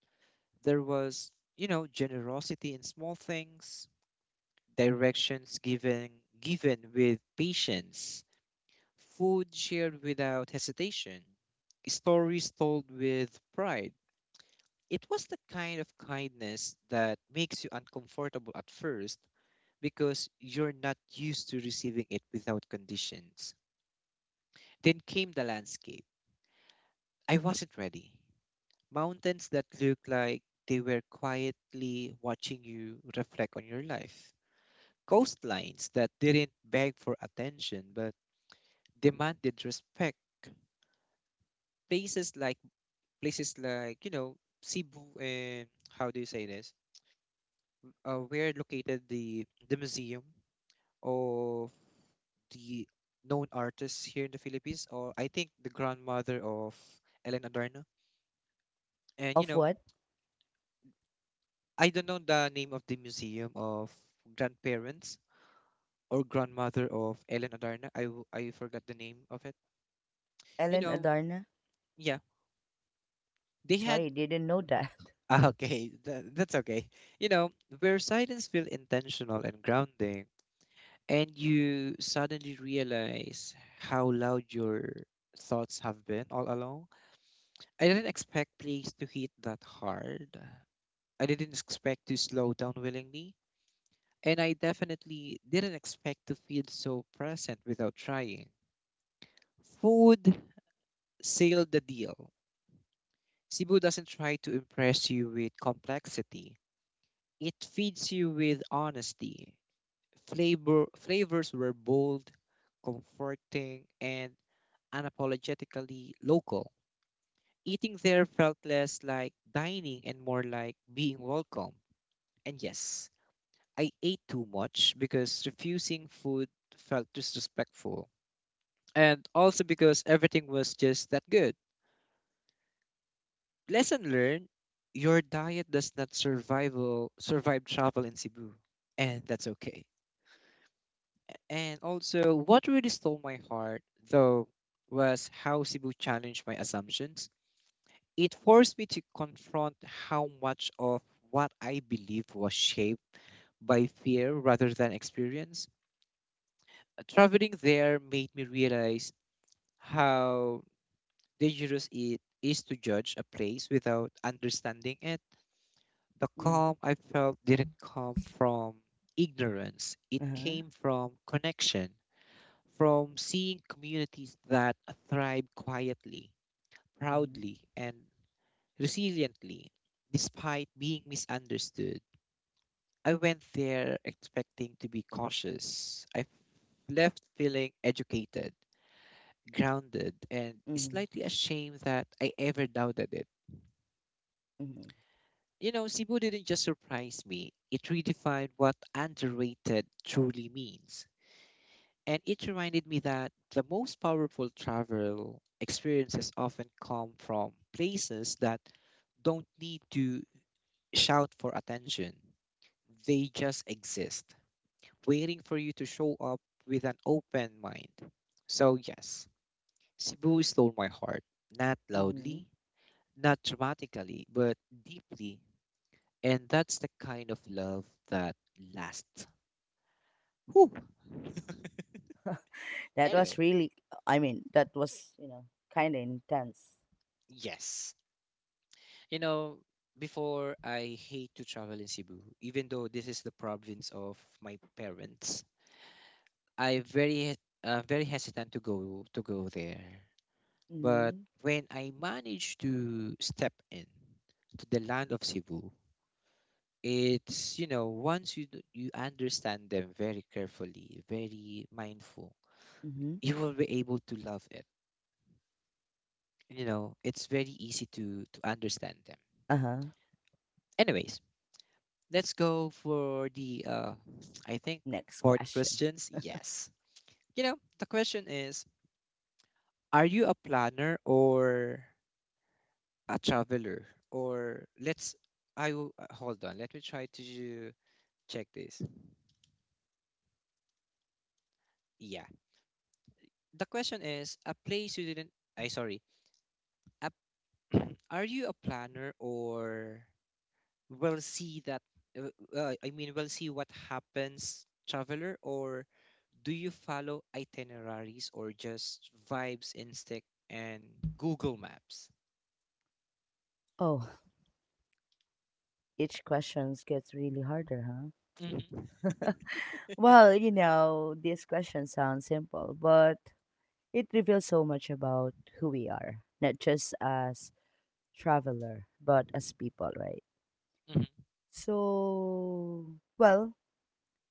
Speaker 1: There was, you know, generosity in small things, directions given with patience, food shared without hesitation, stories told with pride. It was the kind of kindness that makes you uncomfortable at first because you're not used to receiving it without conditions. Then came the landscape. I wasn't ready. Mountains that look like they were quietly watching you reflect on your life. Coastlines that didn't beg for attention but demanded respect. Places like places like Cebu, and how do you say this? Where located the museum of the known artists here in the Philippines, or I think the grandmother of Ellen Adarna. And, you
Speaker 2: Of
Speaker 1: know,
Speaker 2: what?
Speaker 1: I don't know the name of the museum of grandparents or grandmother of Ellen Adarna. I forgot the name of it. You
Speaker 2: Ellen
Speaker 1: know,
Speaker 2: Adarna?
Speaker 1: yeah, they had.
Speaker 2: Sorry, didn't know that.
Speaker 1: Ah, okay, that's okay. You know, where silence feels intentional and grounding, and you suddenly realize how loud your thoughts have been all along. I didn't expect plays to hit that hard. I didn't expect to slow down willingly, and I definitely didn't expect to feel so present without trying. Food sealed the deal. Cebu doesn't try to impress you with complexity. It feeds you with honesty. Flavors were bold, comforting, and unapologetically local. Eating there felt less like dining and more like being welcome. And yes, I ate too much because refusing food felt disrespectful, and also because everything was just that good. Lesson learned: your diet does not survival survive travel in Cebu, and that's okay. And also, what really stole my heart though was how Cebu challenged my assumptions. It forced me to confront how much of what I believed was shaped by fear rather than experience. Traveling there made me realize how dangerous it is to judge a place without understanding it. The
Speaker 2: Mm.
Speaker 1: calm I felt didn't come from ignorance, it
Speaker 2: Uh-huh.
Speaker 1: came from connection, from seeing communities that thrive quietly,
Speaker 2: Mm-hmm.
Speaker 1: proudly, and resiliently, despite being misunderstood. I went there expecting to be cautious. I left feeling educated, grounded, and slightly ashamed that I ever doubted it.
Speaker 2: Mm-hmm.
Speaker 1: You know, Cebu didn't just surprise me, it redefined what underrated truly means. And it reminded me that the most powerful travel experiences often come from places that don't need to shout for attention. They just exist, waiting for you to show up with an open mind. So, yes, Cebu stole my heart, not
Speaker 2: Mm-hmm.
Speaker 1: loudly, not dramatically, but deeply. And that's the kind of love that lasts. Whew.
Speaker 2: That was
Speaker 1: Anyway,
Speaker 2: really, I mean, that was, you know, kind of intense.
Speaker 1: yes. You know, before I hate to travel in Cebu, even though this is the province of my parents, I very very hesitant to go there. But
Speaker 2: Mm-hmm.
Speaker 1: when I managed to step in to the land of Cebu, it's once you you understand them very carefully, very mindful,
Speaker 2: Mm-hmm.
Speaker 1: you will be able to love it. It's very easy to understand them.
Speaker 2: Uh-huh.
Speaker 1: Anyways, let's go for the I think
Speaker 2: Next
Speaker 1: fourth
Speaker 2: question.
Speaker 1: questions. Yes. You know, the question is, are you a planner or a traveler, or let's I will, hold on. Let me try to check this. Yeah. The question is a place you didn't, I sorry. A, are you a planner, or will see that I mean, will see what happens, traveler, or do you follow itineraries or just vibes, instinct, and Google Maps?
Speaker 2: Oh, each question gets really harder, huh?
Speaker 1: Mhm.
Speaker 2: Well, this question sounds simple, but it reveals so much about who we are, not just as traveler, but as people, right?
Speaker 1: Mhm.
Speaker 2: So, well,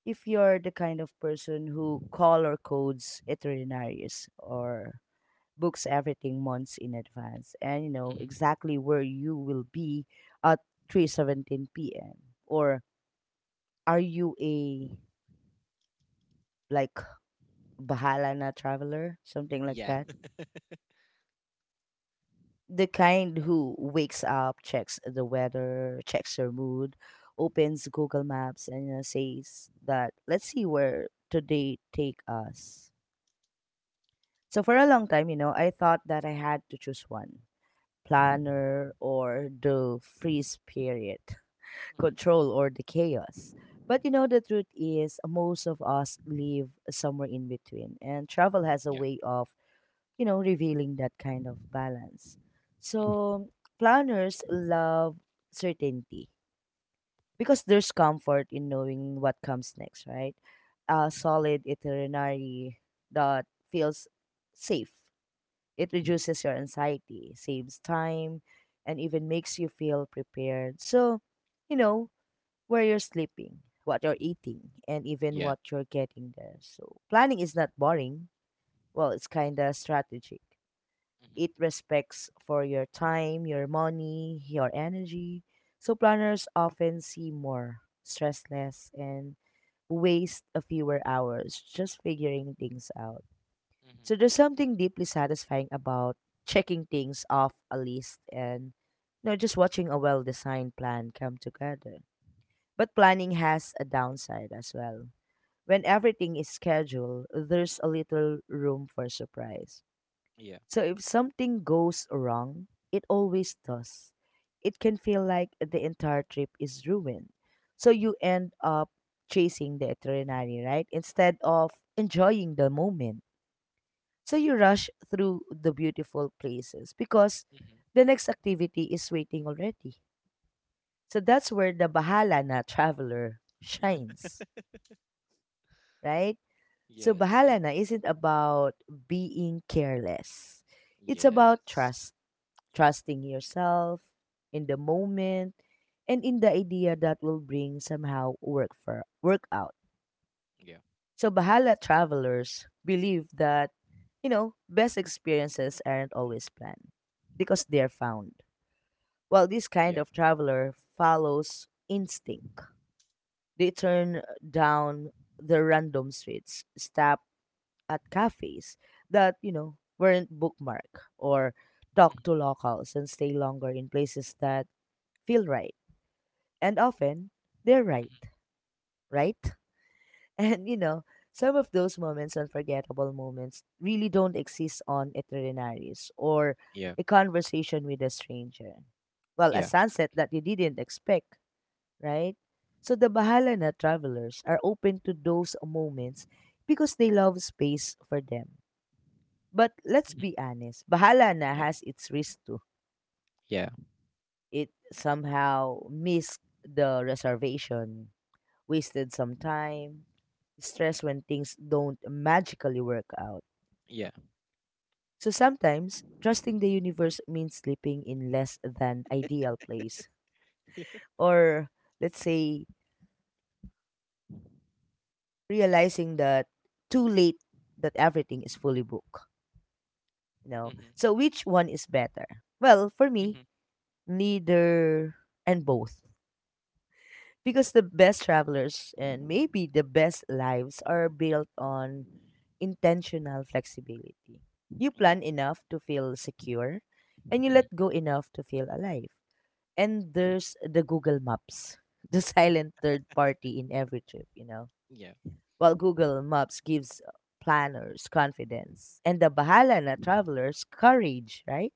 Speaker 2: if you're the kind of person who color codes itineraries or books everything months in advance and you know
Speaker 1: Mhm.
Speaker 2: exactly where you will be at 3:17 p.m., or are you a like bahala na traveler, something like
Speaker 1: Yeah.
Speaker 2: that,
Speaker 1: Mhm.
Speaker 2: the kind who wakes up, checks the weather, checks your mood, opens Google Maps and, you know, says that let's see where today take us. So for a long time, you know, I thought that I had to choose one, planner or the freeze period, control or the chaos. But you know, the truth is, most of us live somewhere in between, and travel has a way of, you know, revealing that kind of balance.
Speaker 1: Yeah. Mhm.
Speaker 2: So, planners love certainty because there's comfort in knowing what comes next, right? A
Speaker 1: Mhm.
Speaker 2: solid itinerary that feels safe. It
Speaker 1: Mhm.
Speaker 2: reduces your anxiety, saves time, and even makes you feel prepared. So, you know, where you're sleeping, what you're eating, and even
Speaker 1: Yeah.
Speaker 2: what you're getting there. So planning is not boring. Well, it's kind of strategic.
Speaker 1: Mhm.
Speaker 2: It respects for your time, your money, your energy. So planners often see more, stress less, and waste a fewer hours just figuring things out. So there's
Speaker 1: Mhm.
Speaker 2: something deeply satisfying about checking things off a list and just watching a well-designed plan come together. But planning has a downside as well. When everything is scheduled, there's a little room for surprise.
Speaker 1: Yeah.
Speaker 2: So if something goes wrong, it always does. It can feel like the entire trip is ruined. So you end up chasing the itinerary, right? Instead of enjoying the moment. So you rush through the beautiful places because
Speaker 1: Mhm.
Speaker 2: the next activity is waiting already. So that's where the Bahala na traveler shines, right? So
Speaker 1: Yes.
Speaker 2: bahala na isn't about being careless. It's about
Speaker 1: Yes.
Speaker 2: trust, trusting yourself in the moment and in the idea that will bring somehow work for work out.
Speaker 1: Yeah.
Speaker 2: So bahala travelers believe that, best experiences aren't always planned because they're found. While this kind
Speaker 1: Yeah.
Speaker 2: of traveler follows instinct, they turn down the random streets, stop at cafes that, weren't bookmarked or talk
Speaker 1: Mhm.
Speaker 2: to locals and stay longer in places that feel right. And often they're right,
Speaker 1: Mhm.
Speaker 2: right? And some of those moments, unforgettable moments, really don't exist on itineraries or
Speaker 1: Yeah.
Speaker 2: a conversation with a stranger. Well, a
Speaker 1: Yeah.
Speaker 2: sunset that you didn't expect, right? So the Bahala na travelers are open to those moments because they love space for them. But let's
Speaker 1: Mhm.
Speaker 2: be honest, Bahala Na
Speaker 1: Yeah.
Speaker 2: has its risk too.
Speaker 1: Yeah.
Speaker 2: It somehow missed the reservation, wasted some time, stress when things don't magically work out.
Speaker 1: Yeah.
Speaker 2: So sometimes, trusting the universe means sleeping in less than ideal place. Or let's say, realizing that too late that everything is fully booked. You know?
Speaker 1: Mhm.
Speaker 2: So which one is better? Well, for me,
Speaker 1: Mhm.
Speaker 2: neither and both. Because the best travelers and maybe the best lives are built on intentional flexibility. You
Speaker 1: Yeah.
Speaker 2: plan enough to feel secure and you
Speaker 1: Mhm.
Speaker 2: let go enough to feel alive. And
Speaker 1: Mhm.
Speaker 2: there's the Google Maps, the silent third party in every trip, you know.
Speaker 1: Yeah.
Speaker 2: While Google Maps gives planners confidence and the bahala na travelers courage, right?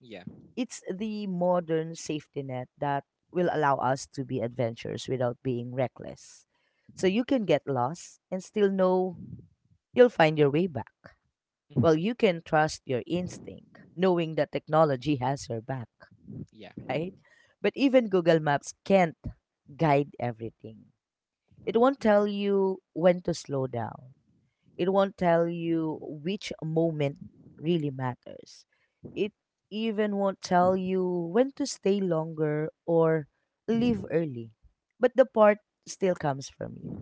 Speaker 1: Yeah.
Speaker 2: It's the modern safety net that will allow us to be adventurous without being reckless. So you can get lost and still know you'll find your way back.
Speaker 1: Mhm.
Speaker 2: Well, you can trust your instinct, knowing that technology has your back,
Speaker 1: Yeah.
Speaker 2: right? But even Google Maps can't guide everything. It won't
Speaker 1: Yeah.
Speaker 2: tell you when to slow down, it won't tell you which moment really matters. It even won't tell you when to stay longer or leave early. But the part still comes from you.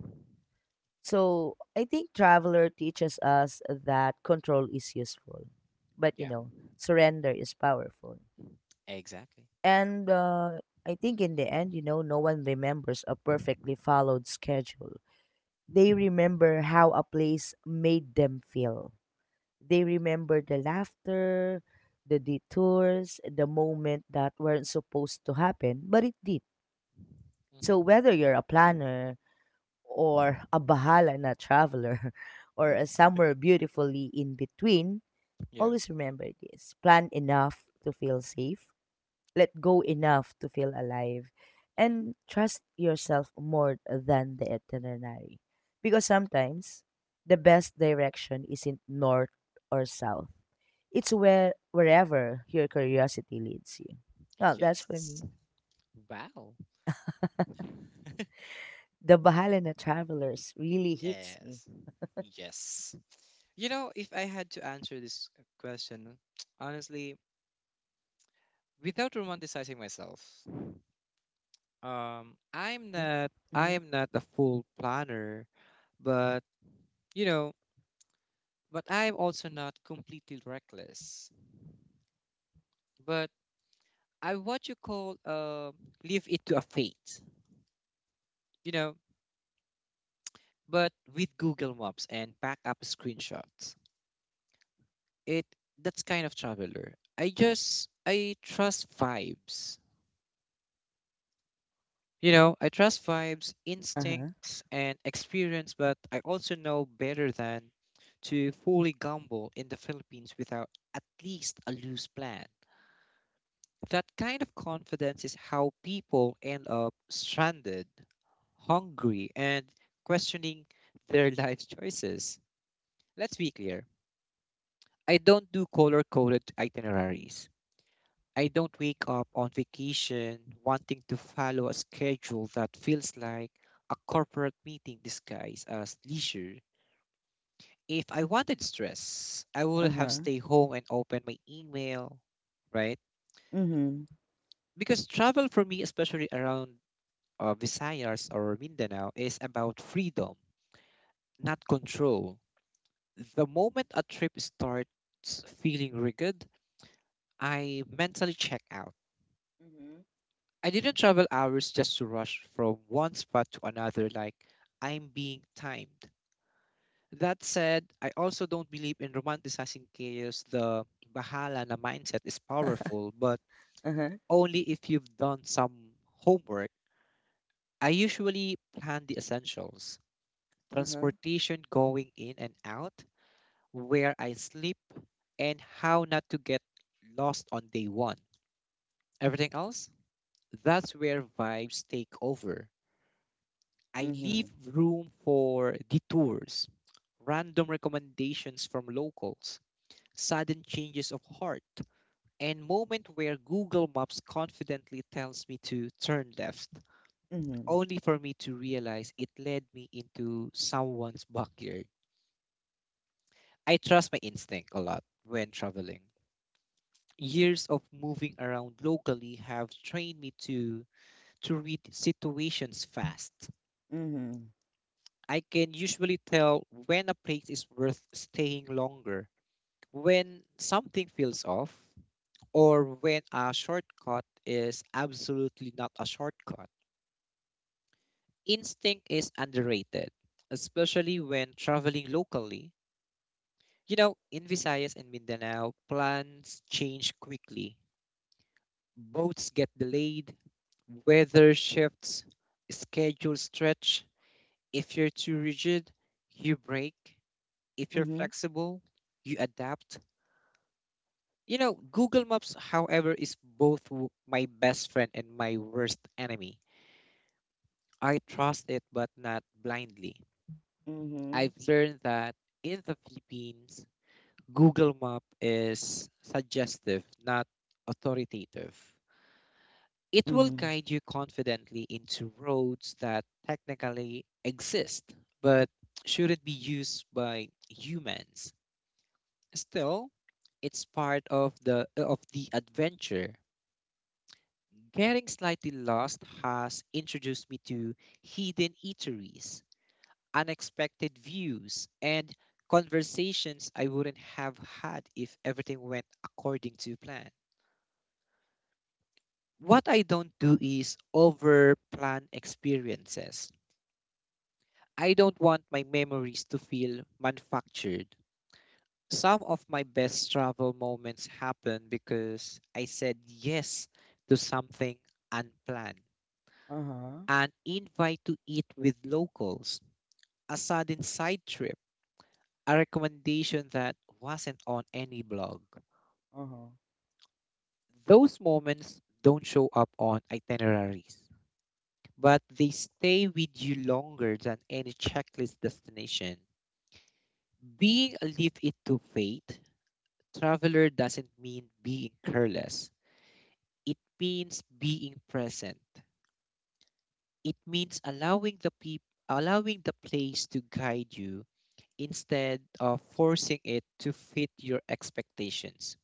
Speaker 2: So I think Traveler teaches us that control is useful, but you
Speaker 1: Yeah.
Speaker 2: know, surrender is powerful.
Speaker 1: Exactly.
Speaker 2: And I think in the end, no one remembers a perfectly followed schedule. They remember how a place made them feel. They remember the laughter, the detours, the moment that weren't supposed to happen, but it did. So
Speaker 1: Mhm.
Speaker 2: whether you're a planner or a bahala na traveler or a somewhere beautifully in between,
Speaker 1: Yeah.
Speaker 2: always remember this. Plan enough to feel safe, let go enough to feel alive, and
Speaker 1: Mhm.
Speaker 2: trust yourself more than the itinerary. Because sometimes the best direction isn't north or south. It's where wherever your curiosity leads you. Well, that's for
Speaker 1: Yes.
Speaker 2: me.
Speaker 1: Wow.
Speaker 2: The Bahala na Travelers really hits me.
Speaker 1: Yes. Yes. You know, if I had to answer this question, honestly, without romanticizing myself,
Speaker 2: Mm-hmm.
Speaker 1: I
Speaker 2: Mm-hmm.
Speaker 1: am not a full planner, but you know, but I'm also not completely reckless. But I, what you call, leave it to a fate, you know. But with Google Maps and backup screenshots, it that's kind of traveler. I trust vibes. You know, I trust vibes,
Speaker 2: Uh-huh.
Speaker 1: instincts, and experience, but I also know better than to fully gamble in the Philippines without at least a loose plan. That kind of confidence is how people end up stranded, hungry, and questioning their life choices. Let's be clear: I don't do color coded itineraries. I don't wake up on vacation wanting to follow a schedule that feels like a corporate meeting disguised as leisure. If I wanted stress, I would have
Speaker 2: Uh-huh.
Speaker 1: stayed home and opened my email, right?
Speaker 2: Mhm.
Speaker 1: Because travel for me, especially around Visayas or Mindanao, is about freedom, not control. The moment a trip starts feeling rigid, I mentally check out.
Speaker 2: Mhm.
Speaker 1: I didn't travel hours just to rush from one spot to another like I'm being timed. That said, I also don't believe in romanticizing chaos. The bahala na mindset is powerful, but
Speaker 2: Uh-huh.
Speaker 1: only if you've done some homework. I usually plan the essentials:
Speaker 2: Uh-huh.
Speaker 1: transportation going in and out, where I sleep, and how not to get lost on day one. Everything else, that's where vibes take over. I leave
Speaker 2: Mhm.
Speaker 1: room for detours, random recommendations from locals, sudden changes of heart, and moment where Google Maps confidently tells me to turn left,
Speaker 2: Mhm.
Speaker 1: only for me to realize it led me into someone's backyard. I trust my instinct a lot when traveling. Years of moving around locally have trained me to read situations fast.
Speaker 2: Mhm.
Speaker 1: I can usually tell when a place is worth staying longer, when something feels off, or when a shortcut is absolutely not a shortcut. Instinct is underrated, especially when traveling locally. You know, in Visayas and Mindanao, plans change quickly. Boats get delayed, weather shifts, schedules stretch. If you're too rigid, you break. If you're
Speaker 2: Mhm.
Speaker 1: flexible, you adapt. You know, Google Maps, however, is both my best friend and my worst enemy. I trust it, but not blindly.
Speaker 2: Mhm.
Speaker 1: I've learned that in the Philippines, Google Map is suggestive, not authoritative. It will
Speaker 2: Mhm.
Speaker 1: guide you confidently into roads that technically exist, but shouldn't be used by humans. Still, it's part of the adventure. Getting slightly lost has introduced me to hidden eateries, unexpected views, and conversations I wouldn't have had if everything went according to plan. What I don't do is over plan experiences. I don't want my memories to feel manufactured. Some of my best travel moments happen because I said yes to something unplanned:
Speaker 2: Uh-huh.
Speaker 1: an invite to eat with locals, a sudden side trip, a recommendation that wasn't on any blog.
Speaker 2: Uh-huh.
Speaker 1: Those moments don't show up on itineraries, but they stay with you longer than any checklist destination. Being a leave it to fate traveler doesn't mean being careless. It means being present. It means allowing the place to guide you instead of forcing it to fit your expectations.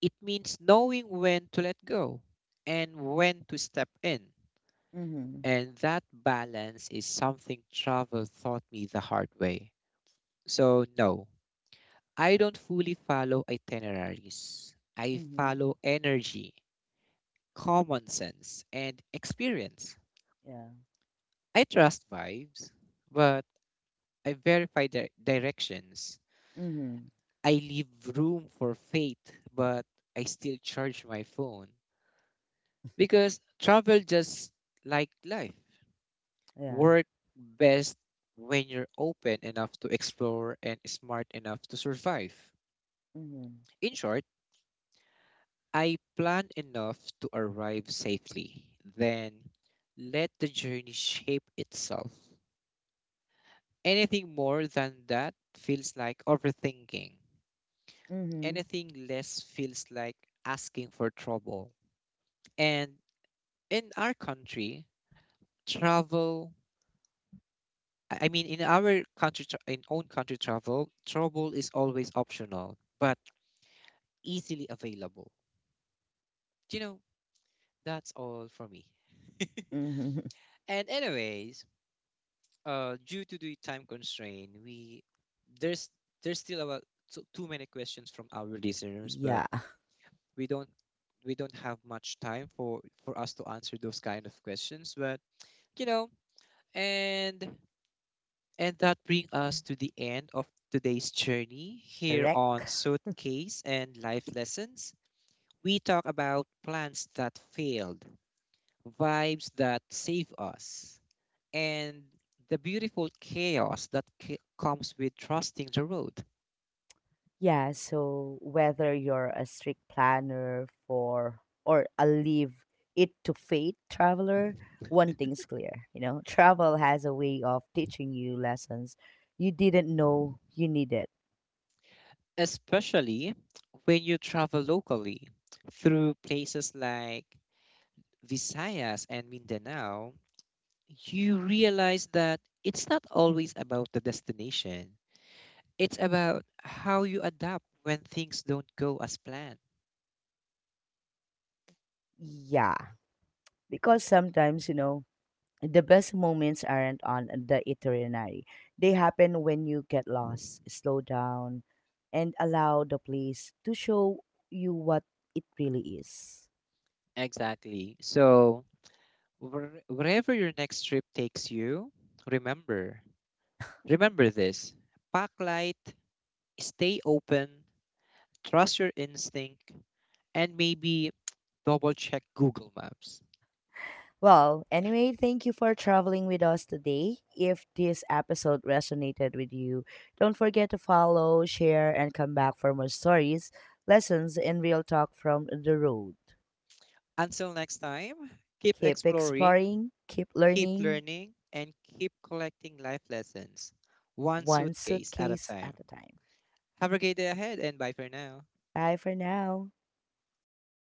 Speaker 1: It means knowing when to let go and when to step in.
Speaker 2: Mhm.
Speaker 1: And that balance is something travel taught me the hard way. So, no, I don't fully follow itineraries. I
Speaker 2: Mhm.
Speaker 1: follow energy, common sense, and experience.
Speaker 2: Yeah.
Speaker 1: I trust vibes, but I verify directions.
Speaker 2: Mhm.
Speaker 1: I leave room for fate, but I still charge my phone because travel, just like life,
Speaker 2: Yeah.
Speaker 1: work best when you're open enough to explore and smart enough to survive.
Speaker 2: Mhm.
Speaker 1: In short, I plan enough to arrive safely, then let the journey shape itself. Anything more than that feels like overthinking.
Speaker 2: Mhm.
Speaker 1: Anything less feels like asking for trouble. And in our country, travel I mean in our country tra- in own country travel, trouble is always optional, but easily available. You know, that's all for me.
Speaker 2: Mhm.
Speaker 1: And anyways, due to the time constraint, we there's there's still about too many questions from our listeners, but
Speaker 2: Yeah.
Speaker 1: we don't we don't have much time for us to answer those kind of questions. But you know, and and that brings us to the end of today's journey here on
Speaker 2: Correct.
Speaker 1: Suitcase and Life Lessons. We talk about plans that failed, vibes that save us, and the beautiful chaos that comes with trusting the road,
Speaker 2: Yeah, so whether you're a strict planner for or a leave it to fate traveler, one thing's clear, travel has a way of teaching you lessons you didn't know you needed.
Speaker 1: especially when you travel locally through places like Visayas and Mindanao. You realize that it's not always about the destination. It's about how you adapt when things don't go as planned.
Speaker 2: Yeah, because sometimes, the best moments aren't on the itinerary. They happen when you get lost, slow down, and allow the place to show you what it really is.
Speaker 1: Exactly. So, wherever your next trip takes you, remember, remember this. Pack light, stay open, trust your instinct, and maybe double check Google Maps.
Speaker 2: Well, anyway, thank you for traveling with us today. If this episode resonated with you, don't forget to follow, share, and come back for more stories, lessons, and real talk from the road.
Speaker 1: Until next time, keep
Speaker 2: Keep
Speaker 1: exploring,
Speaker 2: exploring, keep
Speaker 1: keep
Speaker 2: learning,
Speaker 1: learning, and keep collecting life lessons, one
Speaker 2: one
Speaker 1: suitcase at a
Speaker 2: suitcase
Speaker 1: time.
Speaker 2: at a time.
Speaker 1: Have a great day ahead, and bye for now.
Speaker 2: Bye for now.